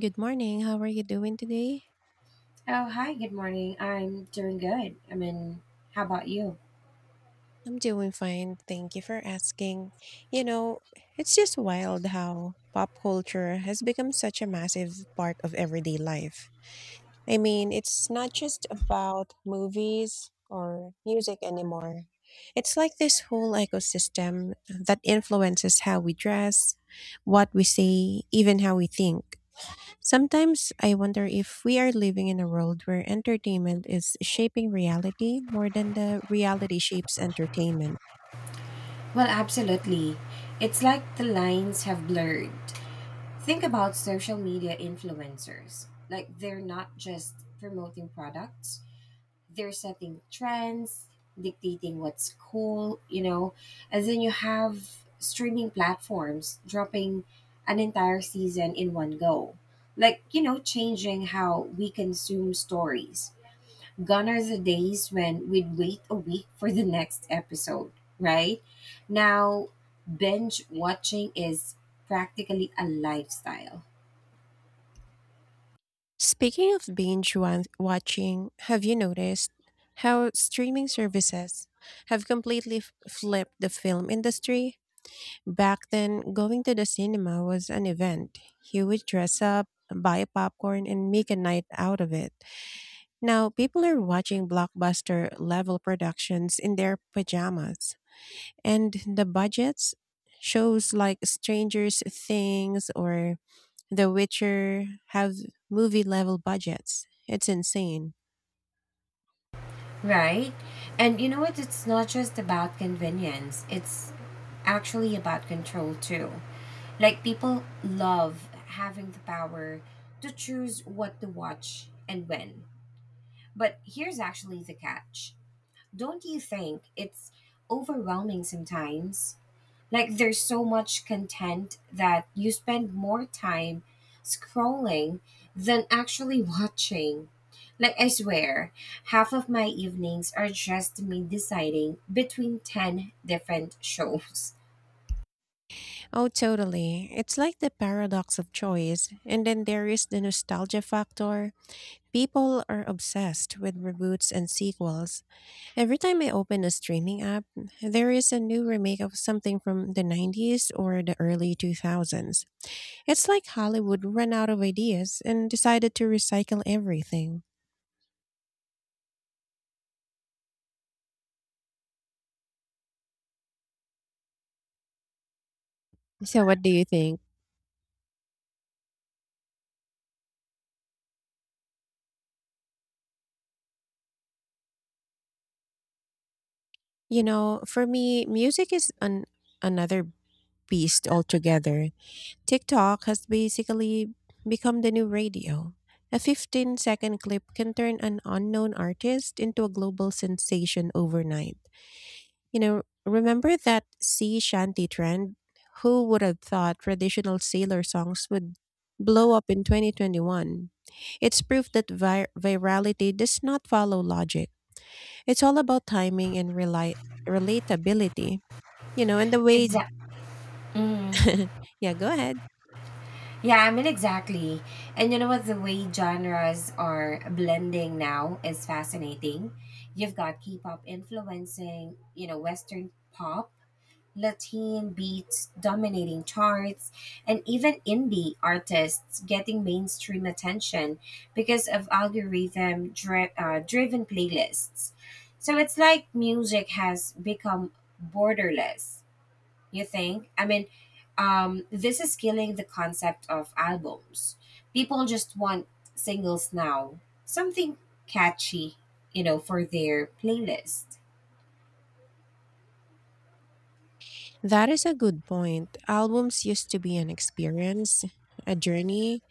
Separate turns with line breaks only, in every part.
Good morning. How are you doing today?
Oh, hi, good morning. I'm doing good. I mean, how about you?
I'm doing fine. Thank you for asking. You know, it's just wild how pop culture has become such a massive part of everyday life. I mean, it's not just about movies or music anymore. It's like this whole ecosystem that influences how we dress, what we say, even how we think. Sometimes I wonder if we are living in a world where entertainment is shaping reality more than the reality shapes entertainment.
Well, absolutely. It's like the lines have blurred. Think about social media influencers. Like, they're not just promoting products, they're setting trends, dictating what's cool, And then you have streaming platforms dropping an entire season in one go. Like, changing how we consume stories. Gone are the days when we'd wait a week for the next episode, right? Now, binge watching is practically a lifestyle,
Speaking of watching, have you noticed how streaming services have completely flipped the film industry? Back then, going to the cinema was an event. You would dress up, buy popcorn, and make a night out of it. Now, people are watching blockbuster level productions in their pajamas. And the budgets, shows like Strangers Things or The Witcher have movie level budgets. It's insane.
right? And you know what? It's not just about convenience, it's actually about control too. Like, people love having the power to choose what to watch and when. But here's actually the catch, don't you think it's overwhelming sometimes? Like there's so much content that you spend more time scrolling than actually watching. Like I swear, half of my evenings are just me deciding between 10 different shows.
Oh, totally. It's like the paradox of choice. And then there is the nostalgia factor. People are obsessed with reboots and sequels. Every time I open a streaming app, there is a new remake of something from the 90s or the early 2000s. It's like Hollywood ran out of ideas and decided to recycle everything. So what do you think? You know, for me, music is an another beast altogether. TikTok has basically become the new radio. A 15-second clip can turn an unknown artist into a global sensation overnight. You know, remember that sea shanty trend? Who would have thought traditional sailor songs would blow up in 2021? It's proof that virality does not follow logic. It's all about timing and relatability. You know, and the way,
Exactly. Mm.
yeah, go ahead.
Yeah, I mean, exactly. And you know what? The way genres are blending now is fascinating. You've got K pop influencing, Western pop, Latin beats dominating charts, and even indie artists getting mainstream attention because of driven playlists. So it's like music has become borderless, you think? I mean, this is killing the concept of albums. People just want singles now, something catchy, for their playlist.
That is a good point. Albums used to be an experience, a journey.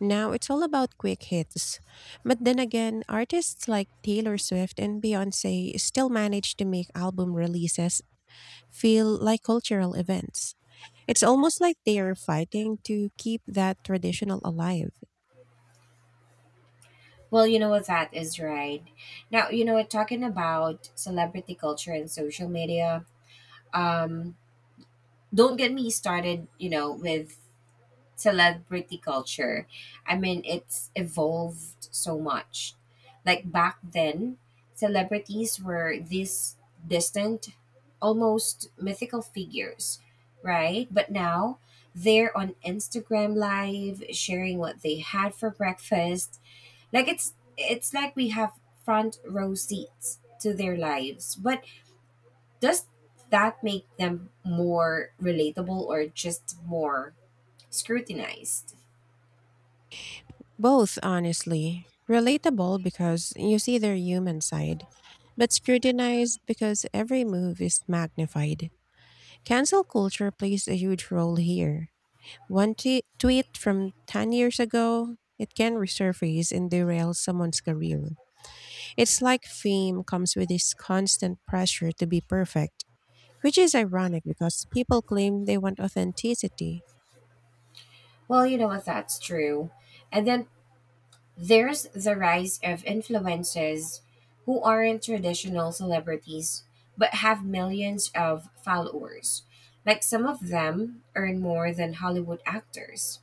Now it's all about quick hits. But then again, artists like Taylor Swift and Beyonce still manage to make album releases feel like cultural events. It's almost like they are fighting to keep that traditional alive.
Well, you know what, that is right. Now, you know what, talking about celebrity culture and social media. Um, don't get me started, with celebrity culture. I mean, it's evolved so much. Like back then, celebrities were these distant, almost mythical figures, right? But now they're on Instagram live sharing what they had for breakfast like it's like we have front row seats to their lives. But does that make them more relatable or just more scrutinized?
Both, honestly, relatable because you see their human side, but scrutinized because every move is magnified. Cancel culture plays a huge role here. One tweet from 10 years ago, it can resurface and derail someone's career. It's like fame comes with this constant pressure to be perfect, which is ironic because people claim they want authenticity.
Well, you know what, that's true. And then there's the rise of influencers who aren't traditional celebrities but have millions of followers. Like some of them earn more than Hollywood actors.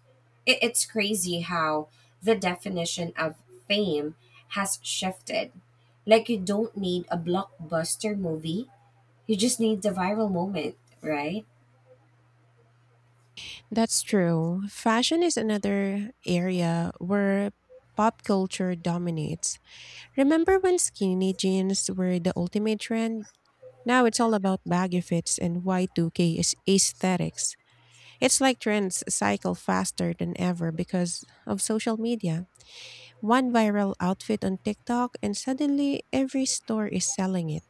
It's crazy how the definition of fame has shifted. Like, you don't need a blockbuster movie, you just need the viral moment, right?
That's true. Fashion is another area where pop culture dominates. Remember when skinny jeans were the ultimate trend? Now it's all about baggy fits and Y2K is aesthetics. It's like trends cycle faster than ever because of social media. One viral outfit on TikTok, and suddenly every store is selling it.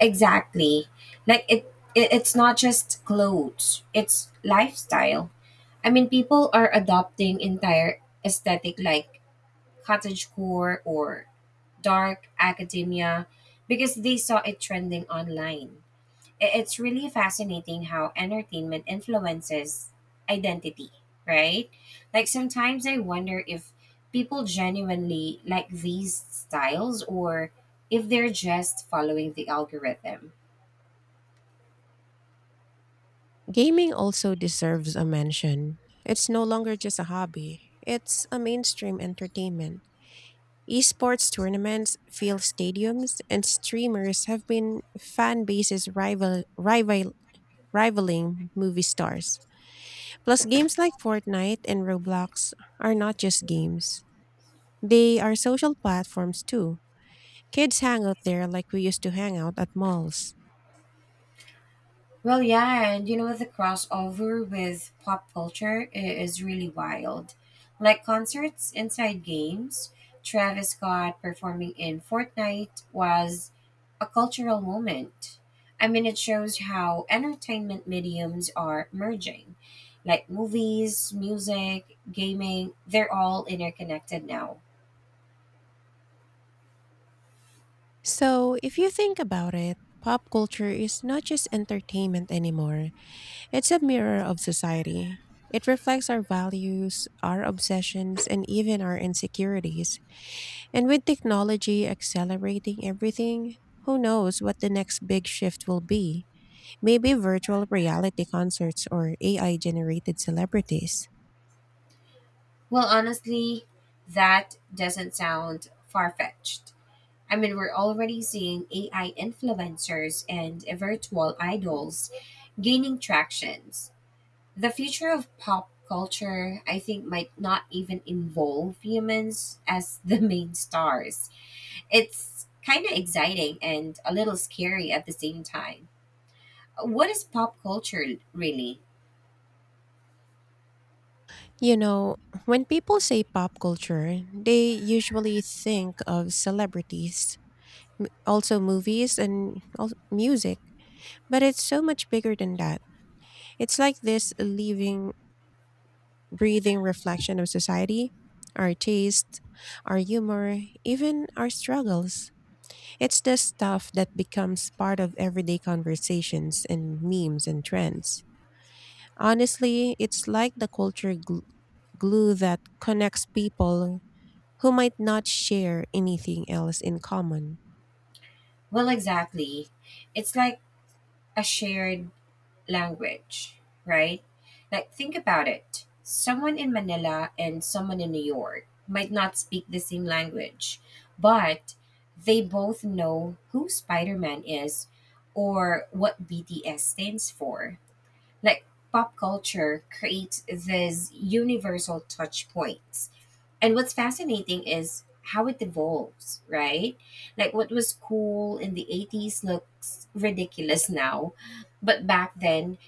Exactly. Like, it's not just clothes, it's lifestyle. I mean, people are adopting entire aesthetic like cottagecore or dark academia because they saw it trending online. It's really fascinating how entertainment influences identity, right? Like sometimes I wonder if people genuinely like these styles or if they're just following the algorithm.
Gaming also deserves a mention. It's no longer just a hobby, it's a mainstream entertainment. Esports tournaments fill stadiums, and streamers have been fan bases rivaling movie stars. Plus, games like Fortnite and Roblox are not just games, they are social platforms too. Kids hang out there like we used to hang out at malls.
Well, yeah, and you know, the crossover with is really wild. Like concerts inside games, Travis Scott performing in Fortnite was a cultural moment. I mean, it shows how entertainment mediums are merging. Like movies, music, gaming, they're all interconnected now.
So, if you think about it, pop culture is not just entertainment anymore, it's a mirror of society. It reflects our values, our obsessions, and even our insecurities. And with technology accelerating everything, who knows what the next big shift will be? Maybe virtual reality concerts or AI generated celebrities.
Well, honestly, that doesn't sound far fetched. I mean, we're already seeing AI influencers and virtual idols gaining tractions. The future of pop culture, I think, might not even involve humans as the main stars. It's kind of exciting and a little scary at the same time. What is pop culture really?
You know, when people say pop culture, they usually think of celebrities, also movies and music. But it's so much bigger than that. It's like this living, breathing reflection of society, our taste, our humor, even our struggles. It's the stuff that becomes part of everyday conversations and memes and trends. Honestly, it's like the culture glue that connects people who might not share anything else in common.
Well, exactly. It's like a shared language, right? Like, think about it. Someone in Manila and someone in New York might not speak the same language, but they both know who Spider Man is or what BTS stands for. Like, pop culture creates these universal touch points. And what's fascinating is how it evolves, right? Like, what was cool in the 80s looks ridiculous now, but back then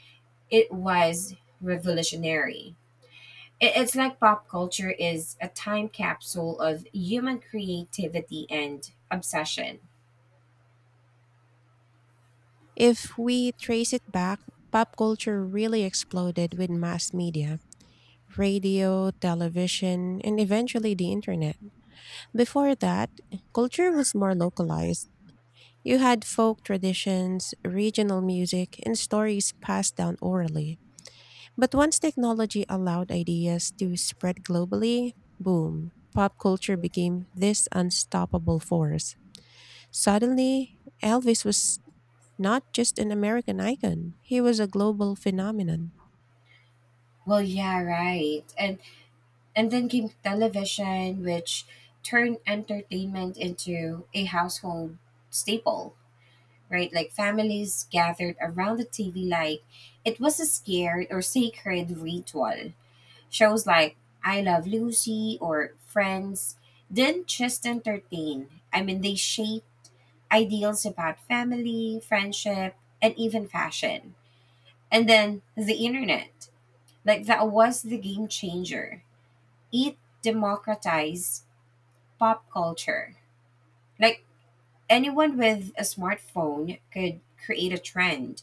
it was revolutionary. It's like pop culture is a time capsule of human creativity and obsession.
If we trace it back, pop culture really exploded with mass media radio, television, and eventually the internet. Before that, culture was more localized. You had folk traditions, regional music, and stories passed down orally. But once technology allowed ideas to spread globally, boom, pop culture became this unstoppable force. Suddenly, Elvis was not just an American icon, he was a global phenomenon.
Well, yeah, right. And then came television, which turned entertainment into a household staple, right? Like families gathered around the TV like it was a scared or sacred ritual. Shows like I Love Lucy or Friends didn't just entertain. I mean, they shape ideals about family, friendship, and even fashion. And then the internet, like that was the game changer. It democratized pop culture. Like anyone with a smartphone could create a trend.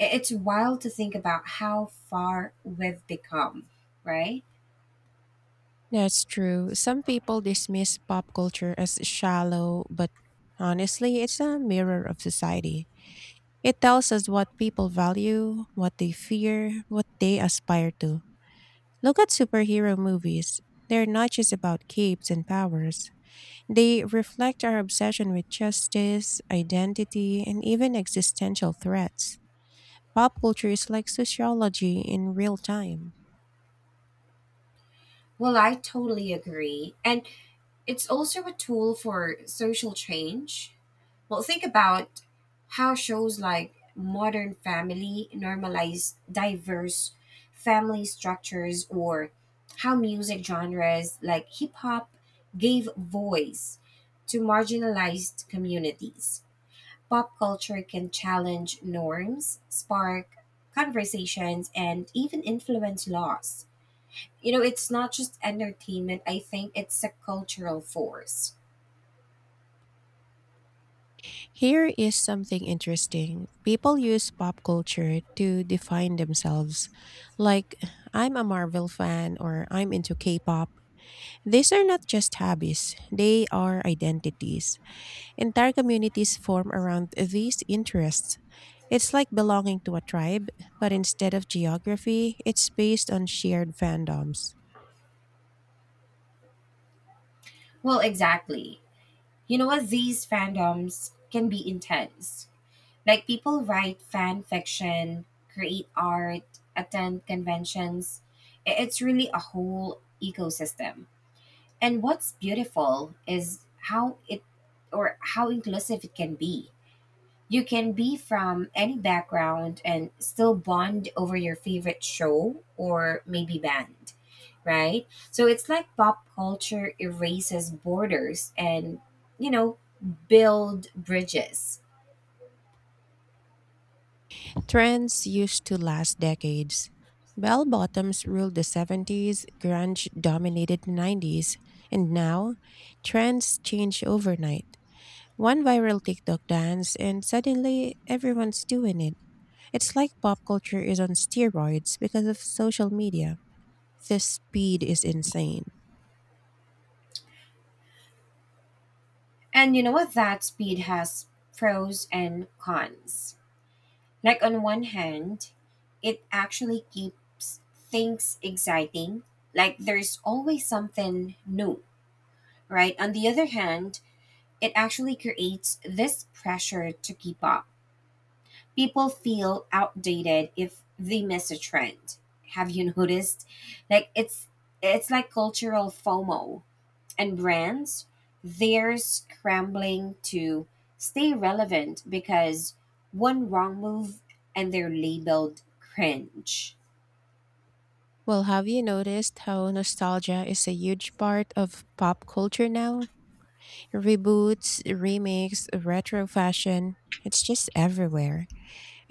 It's wild to think about how far we've become, right?
That's true. Some people dismiss pop culture as shallow, but honestly, it's a mirror of society. It tells us what people value, what they fear, what they aspire to. Look at superhero movies. They're not just about capes and powers. They reflect our obsession with justice, identity, and even existential threats. Pop culture is like sociology in real time.
Well, I totally agree. And it's also a tool for social change. Well, think about how shows like Modern Family normalize diverse family structures or how music genres like hip hop gave voice to marginalized communities. Pop culture can challenge norms, spark conversations, and even influence laws. You know, it's not just entertainment, I think it's a cultural force.
Here is something interesting. People use pop culture to define themselves. Like, I'm a Marvel fan or I'm into K pop. These are not just hobbies, they are identities. Entire communities form around these interests. It's like belonging to a tribe, but instead of geography, it's based on shared fandoms.
Well, exactly. You know what? These fandoms can be intense. Like people write fan fiction, create art, attend conventions. It's really a whole ecosystem. And what's beautiful is how it how inclusive it can be. You can be from any background and still bond over your favorite show or maybe band, right? So it's like pop culture erases borders and, you know, build bridges.
Trends used to last decades. Bell bottoms ruled the 70s, grunge dominated the 90s, and now trends change overnight. One viral TikTok dance, and suddenly everyone's doing it. It's like pop culture is on steroids because of social media. The speed is insane.
And you know what? That speed has pros and cons. Like, on one hand, it actually keeps things exciting. Like, there's always something new, right? On the other hand, it actually creates this pressure to keep up. People feel outdated if they miss a trend. Have you noticed? Like it's like cultural FOMO and brands they're scrambling to stay relevant because one wrong move and they're labeled cringe.
Well, have you noticed how nostalgia is a huge part of pop culture now? Reboots, remakes, retro fashion, it's just everywhere.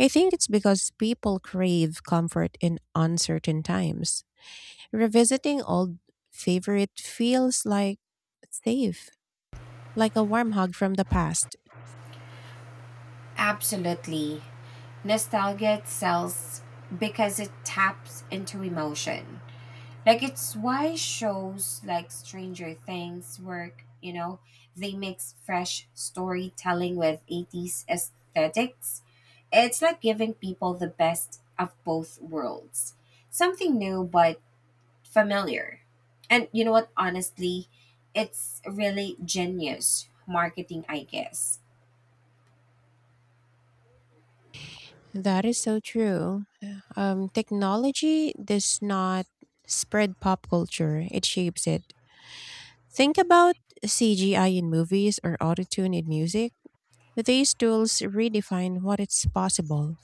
I think it's because people crave comfort in uncertain times. Revisiting old favorite feels like safe, like a warm hug from the past.
Absolutely. Nostalgia sells because it taps into emotion. Like it's why shows like Stranger Things work, you know, they mix fresh storytelling with 80s aesthetics. It's like giving people the best of both worlds. Something new but familiar. And you know what, honestly, it's really genius marketing, I guess.
That is so true. Technology does not spread pop culture, it shapes it. Think about CGI in movies or autotune in music. These tools redefine what is possible.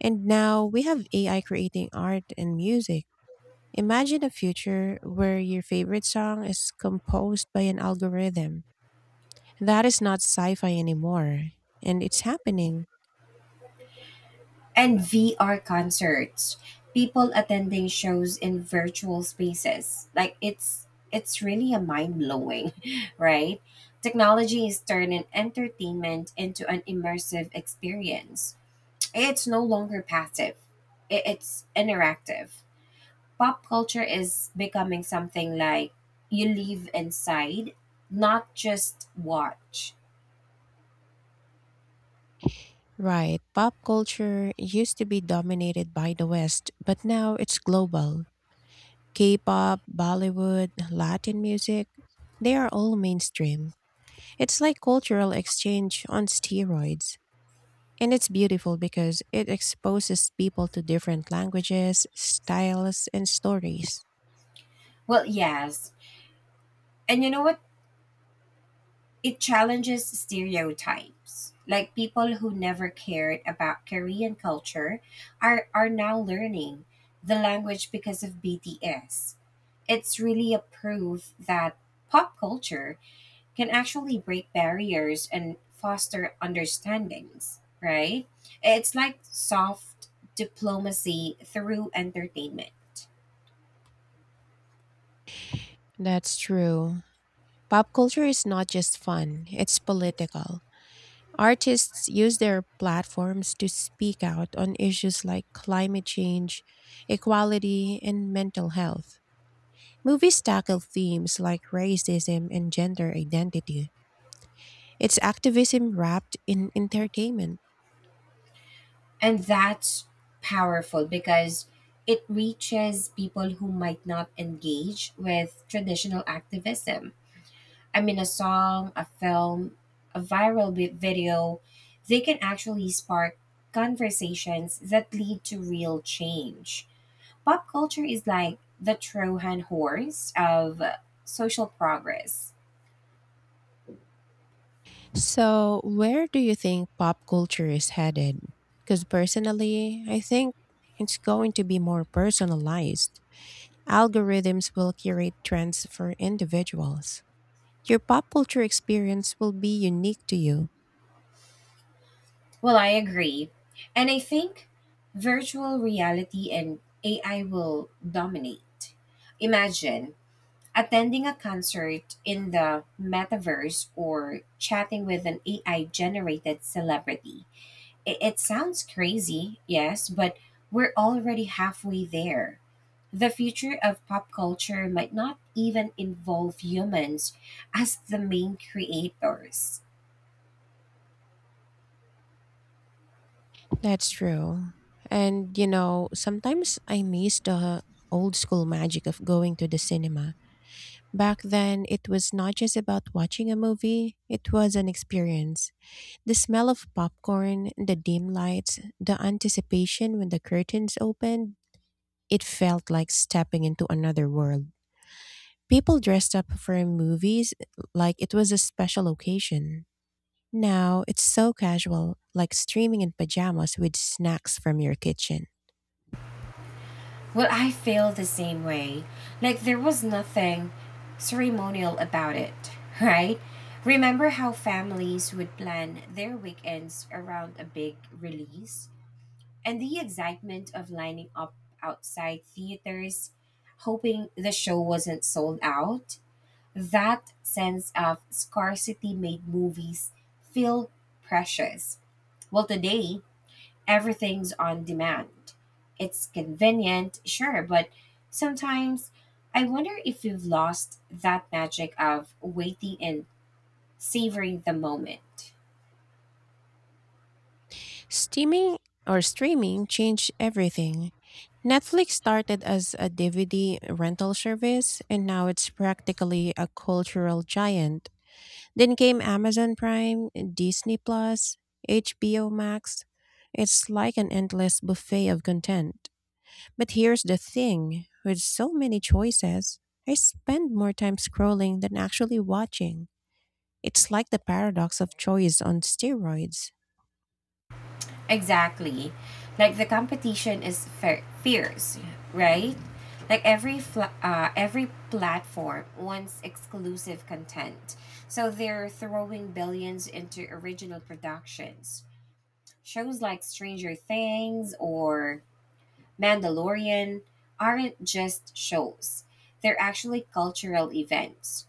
And now we have AI creating art and music. Imagine a future where your favorite song is composed by an algorithm. That is not sci fi anymore, and it's happening.
And VR concerts. People attending shows in virtual spaces. Like it's really a mind blowing, right? Technology is turning entertainment into an immersive experience. It's no longer passive. It's interactive. Pop culture is becoming something like you live inside, not just watch.
Right, pop culture used to be dominated by the West, but now it's global. K pop, Bollywood, Latin music, they are all mainstream. It's like cultural exchange on steroids. And it's beautiful because it exposes people to different languages, styles, and stories.
Well, yes. And you know what? It challenges stereotypes. Like people who never cared about Korean culture are now learning the language because of BTS. It's really a proof that pop culture can actually break barriers and foster understandings, right? It's like soft diplomacy through entertainment.
That's true. Pop culture is not just fun, it's political. Artists use their platforms to speak out on issues like climate change, equality, and mental health. Movies tackle themes like racism and gender identity. It's activism wrapped in entertainment.
And that's powerful because it reaches people who might not engage with traditional activism. I mean, a song, a film, a video, they can actually spark conversations that lead to real change. Pop culture is like the Trojan horse of social progress.
So, where do you think pop culture is headed? Because personally, I think it's going to be more personalized. Algorithms will curate trends for individuals. Your pop culture experience will be unique to you.
Well, I agree. And I think virtual reality and AI will dominate. Imagine attending a concert in the metaverse or chatting with an AI generated celebrity. It sounds crazy, yes, but we're already halfway there. The future of pop culture might not even involve humans as the main creators.
That's true. And, you know, sometimes I miss the old school magic of going to the cinema. Back then, it was not just about watching a movie, it was an experience. The smell of popcorn, the dim lights, the anticipation when the curtains opened, it felt like stepping into another world. People dressed up for movies like it was a special occasion. Now it's so casual, like streaming in pajamas with snacks from your kitchen.
Well, I feel the same way. Like, there was nothing ceremonial about it, right? Remember how families would plan their weekends around a big release? And the excitement of lining up outside theaters, hoping the show wasn't sold out? That sense of scarcity made movies feel precious. Well, today, everything's on demand. It's convenient, sure, but sometimes I wonder if we've lost that magic of waiting and savoring the moment.
Steaming or Streaming changed everything. Netflix started as a DVD rental service, and now it's practically a cultural giant. Then came Amazon Prime, Disney Plus, HBO Max. It's like an endless buffet of content. But here's the thing with so many choices, I spend more time scrolling than actually watching. It's like the paradox of choice on steroids.
Exactly. Like the competition is fierce, right? Like every platform wants exclusive content, so they're throwing billions into original productions. Shows like Stranger Things or Mandalorian aren't just shows, they're actually cultural events.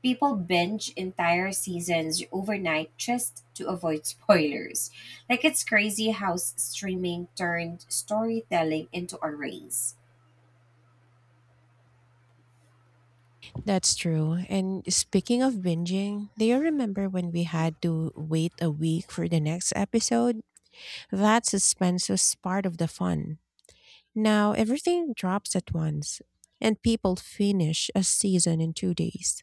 People binge entire seasons overnight just to avoid spoilers. Like, it's crazy how streaming turned storytelling into a race.
That's true. And speaking of binging, do you remember when we had to wait a week for the next episode? That suspense was part of the fun. Now everything drops at once, and people finish a season in 2 days.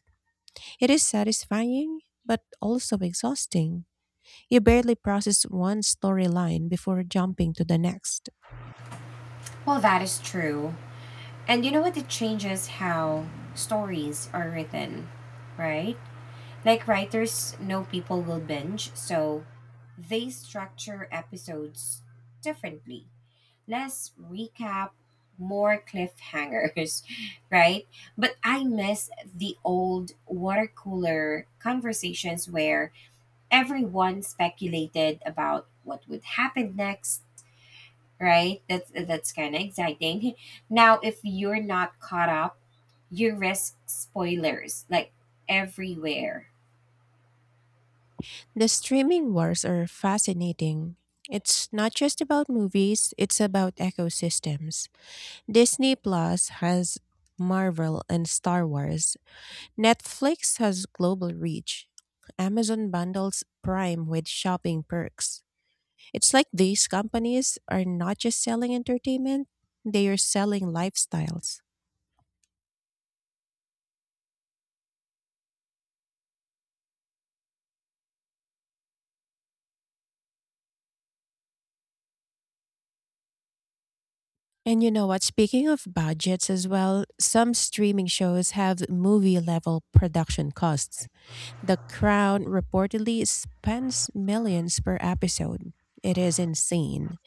It is satisfying, but also exhausting. You barely process one storyline before jumping to the next.
Well, that is true. And you know what? It changes how stories are written, right? Like, writers know people will binge, so they structure episodes differently, less recap, more cliffhangers, right? But I miss the old water cooler conversations where everyone speculated about what would happen next, right? That's kind of exciting. Now, if you're not caught up, you risk spoilers like everywhere.
The streaming wars are fascinating. It's not just about movies, it's about ecosystems. Disney Plus has Marvel and Star Wars. Netflix has global reach. Amazon bundles Prime with shopping perks. It's like these companies are not just selling entertainment, they are selling lifestyles. And you know what? Speaking of budgets as well, some streaming shows have movie level production costs. The Crown reportedly spends millions per episode. It is insane.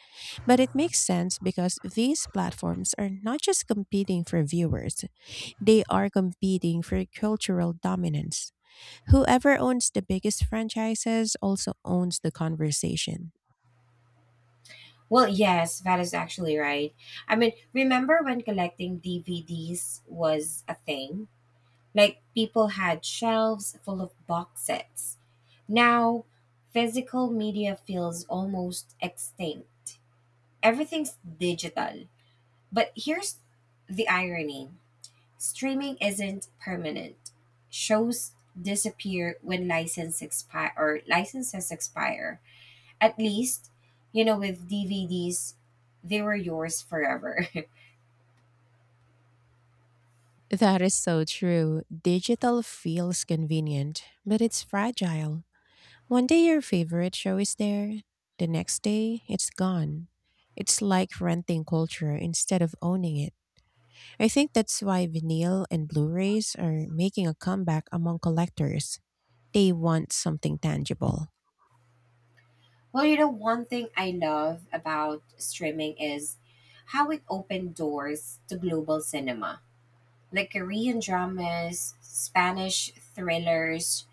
But it makes sense because these platforms are not just competing for viewers, they are competing for cultural dominance. Whoever owns the biggest franchises also owns the conversation.
Well, yes, that is actually right. I mean, remember when collecting DVDs was a thing? Like people had shelves full of box sets. Now, physical media feels almost extinct. Everything's digital. But here's the irony, streaming isn't permanent. Shows disappear when licenses expire. At least, you know, with DVDs, they were yours forever.
That is so true. Digital feels convenient, but it's fragile. One day your favorite show is there, the next day it's gone. It's like renting culture instead of owning it. I think that's why vinyl and Blu rays are making a comeback among collectors. They want something tangible.
Well, you know, one thing I love about streaming is how it opened doors to global cinema, like Korean dramas, Spanish thrillers,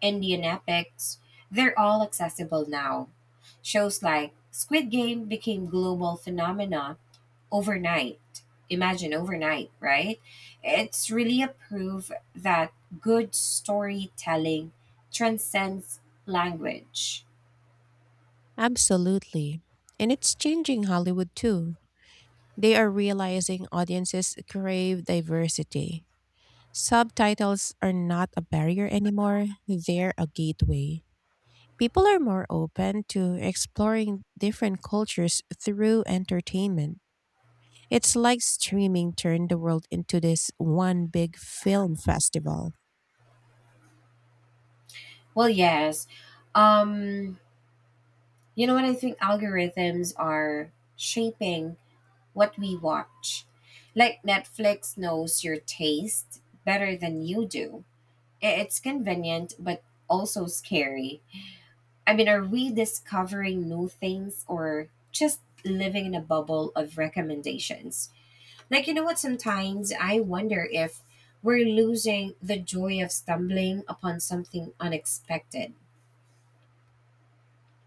Indian epics. They're all accessible now. Shows like Squid Game became global phenomena overnight. Imagine overnight, right? It's really a proof that good storytelling transcends language.
Absolutely. And it's changing Hollywood too. They are realizing audiences crave diversity. Subtitles are not a barrier anymore, they're a gateway. People are more open to exploring different cultures through entertainment. It's like streaming turned the world into this one big film festival.
Well, yes. Um, you know what? I think algorithms are shaping what we watch. Like Netflix knows your taste better than you do. It's convenient, but also scary. I mean, are we discovering new things or just living in a bubble of recommendations? Like, you know what? Sometimes I wonder if we're losing the joy of stumbling upon something unexpected.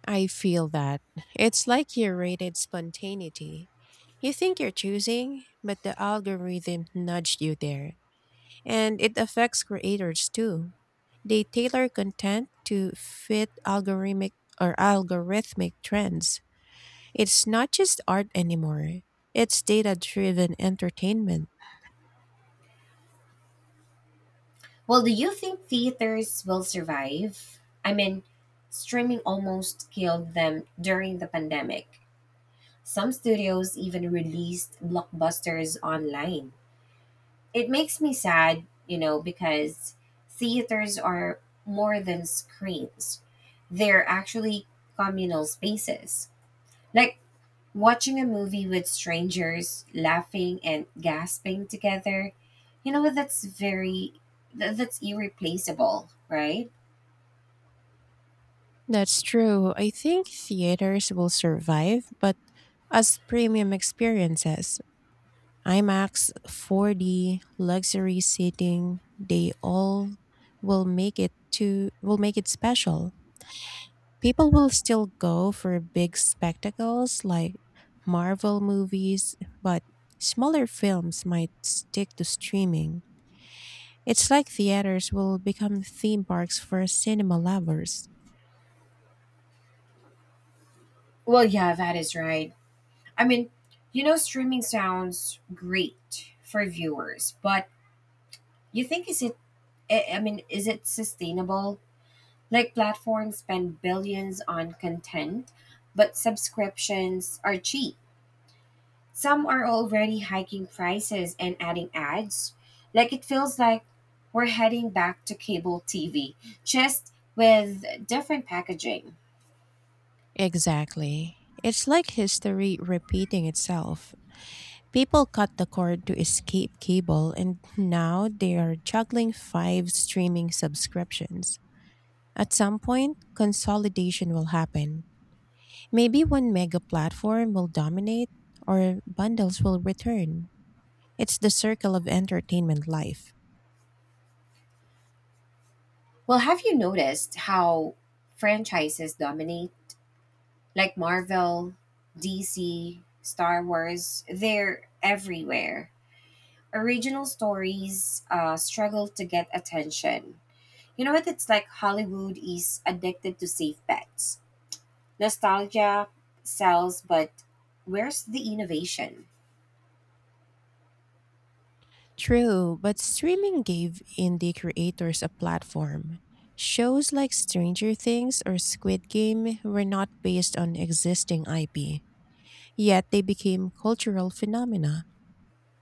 I feel that. It's like curated spontaneity. You think you're choosing, but the algorithm nudged you there. And it affects creators too. They tailor content to fit algorithmic trends. It's not just art anymore. It's data-driven entertainment.
Well, do you think theaters will survive? I mean, streaming almost killed them during the pandemic. Some studios even released blockbusters online. It makes me sad, you know, because theaters are more than screens, they're actually communal spaces. Like watching a movie with strangers laughing and gasping together, you know, that's very, that's irreplaceable, right?
That's true. I think theaters will survive, but as premium experiences. IMAX 4D luxury seating, they all will make it special. People will still go for big spectacles like Marvel movies, but smaller films might stick to streaming. It's like theaters will become theme parks for cinema lovers.
Well, yeah, that is right. I mean, you know, streaming sounds great for viewers, but you think is it? I mean, is it sustainable? Like platforms spend billions on content, but subscriptions are cheap. Some are already hiking prices and adding ads. Like it feels like we're heading back to cable TV, just with different packaging.
Exactly. It's like history repeating itself. People cut the cord to escape cable, and now they are juggling 5 streaming subscriptions. At some point, consolidation will happen. Maybe one mega platform will dominate, or bundles will return. It's the circle of entertainment life.
Well, have you noticed how franchises dominate? Like Marvel, DC, Star Wars, they're everywhere. Original stories struggle to get attention. You know what? It's like Hollywood is addicted to safe bets. Nostalgia sells, but where's the innovation?
True, but streaming gave indie creators a platform. Shows like Stranger Things or Squid Game were not based on existing IP, yet they became cultural phenomena.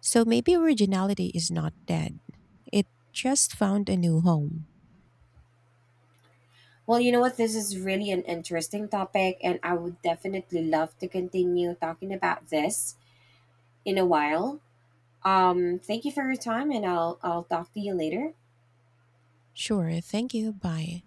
So maybe originality is not dead. It just found a new home.
Well, you know what? This is really an interesting topic, and I would definitely love to continue talking about this in a while. Thank you for your time, and I'll talk to you later.
Sure, thank you, bye.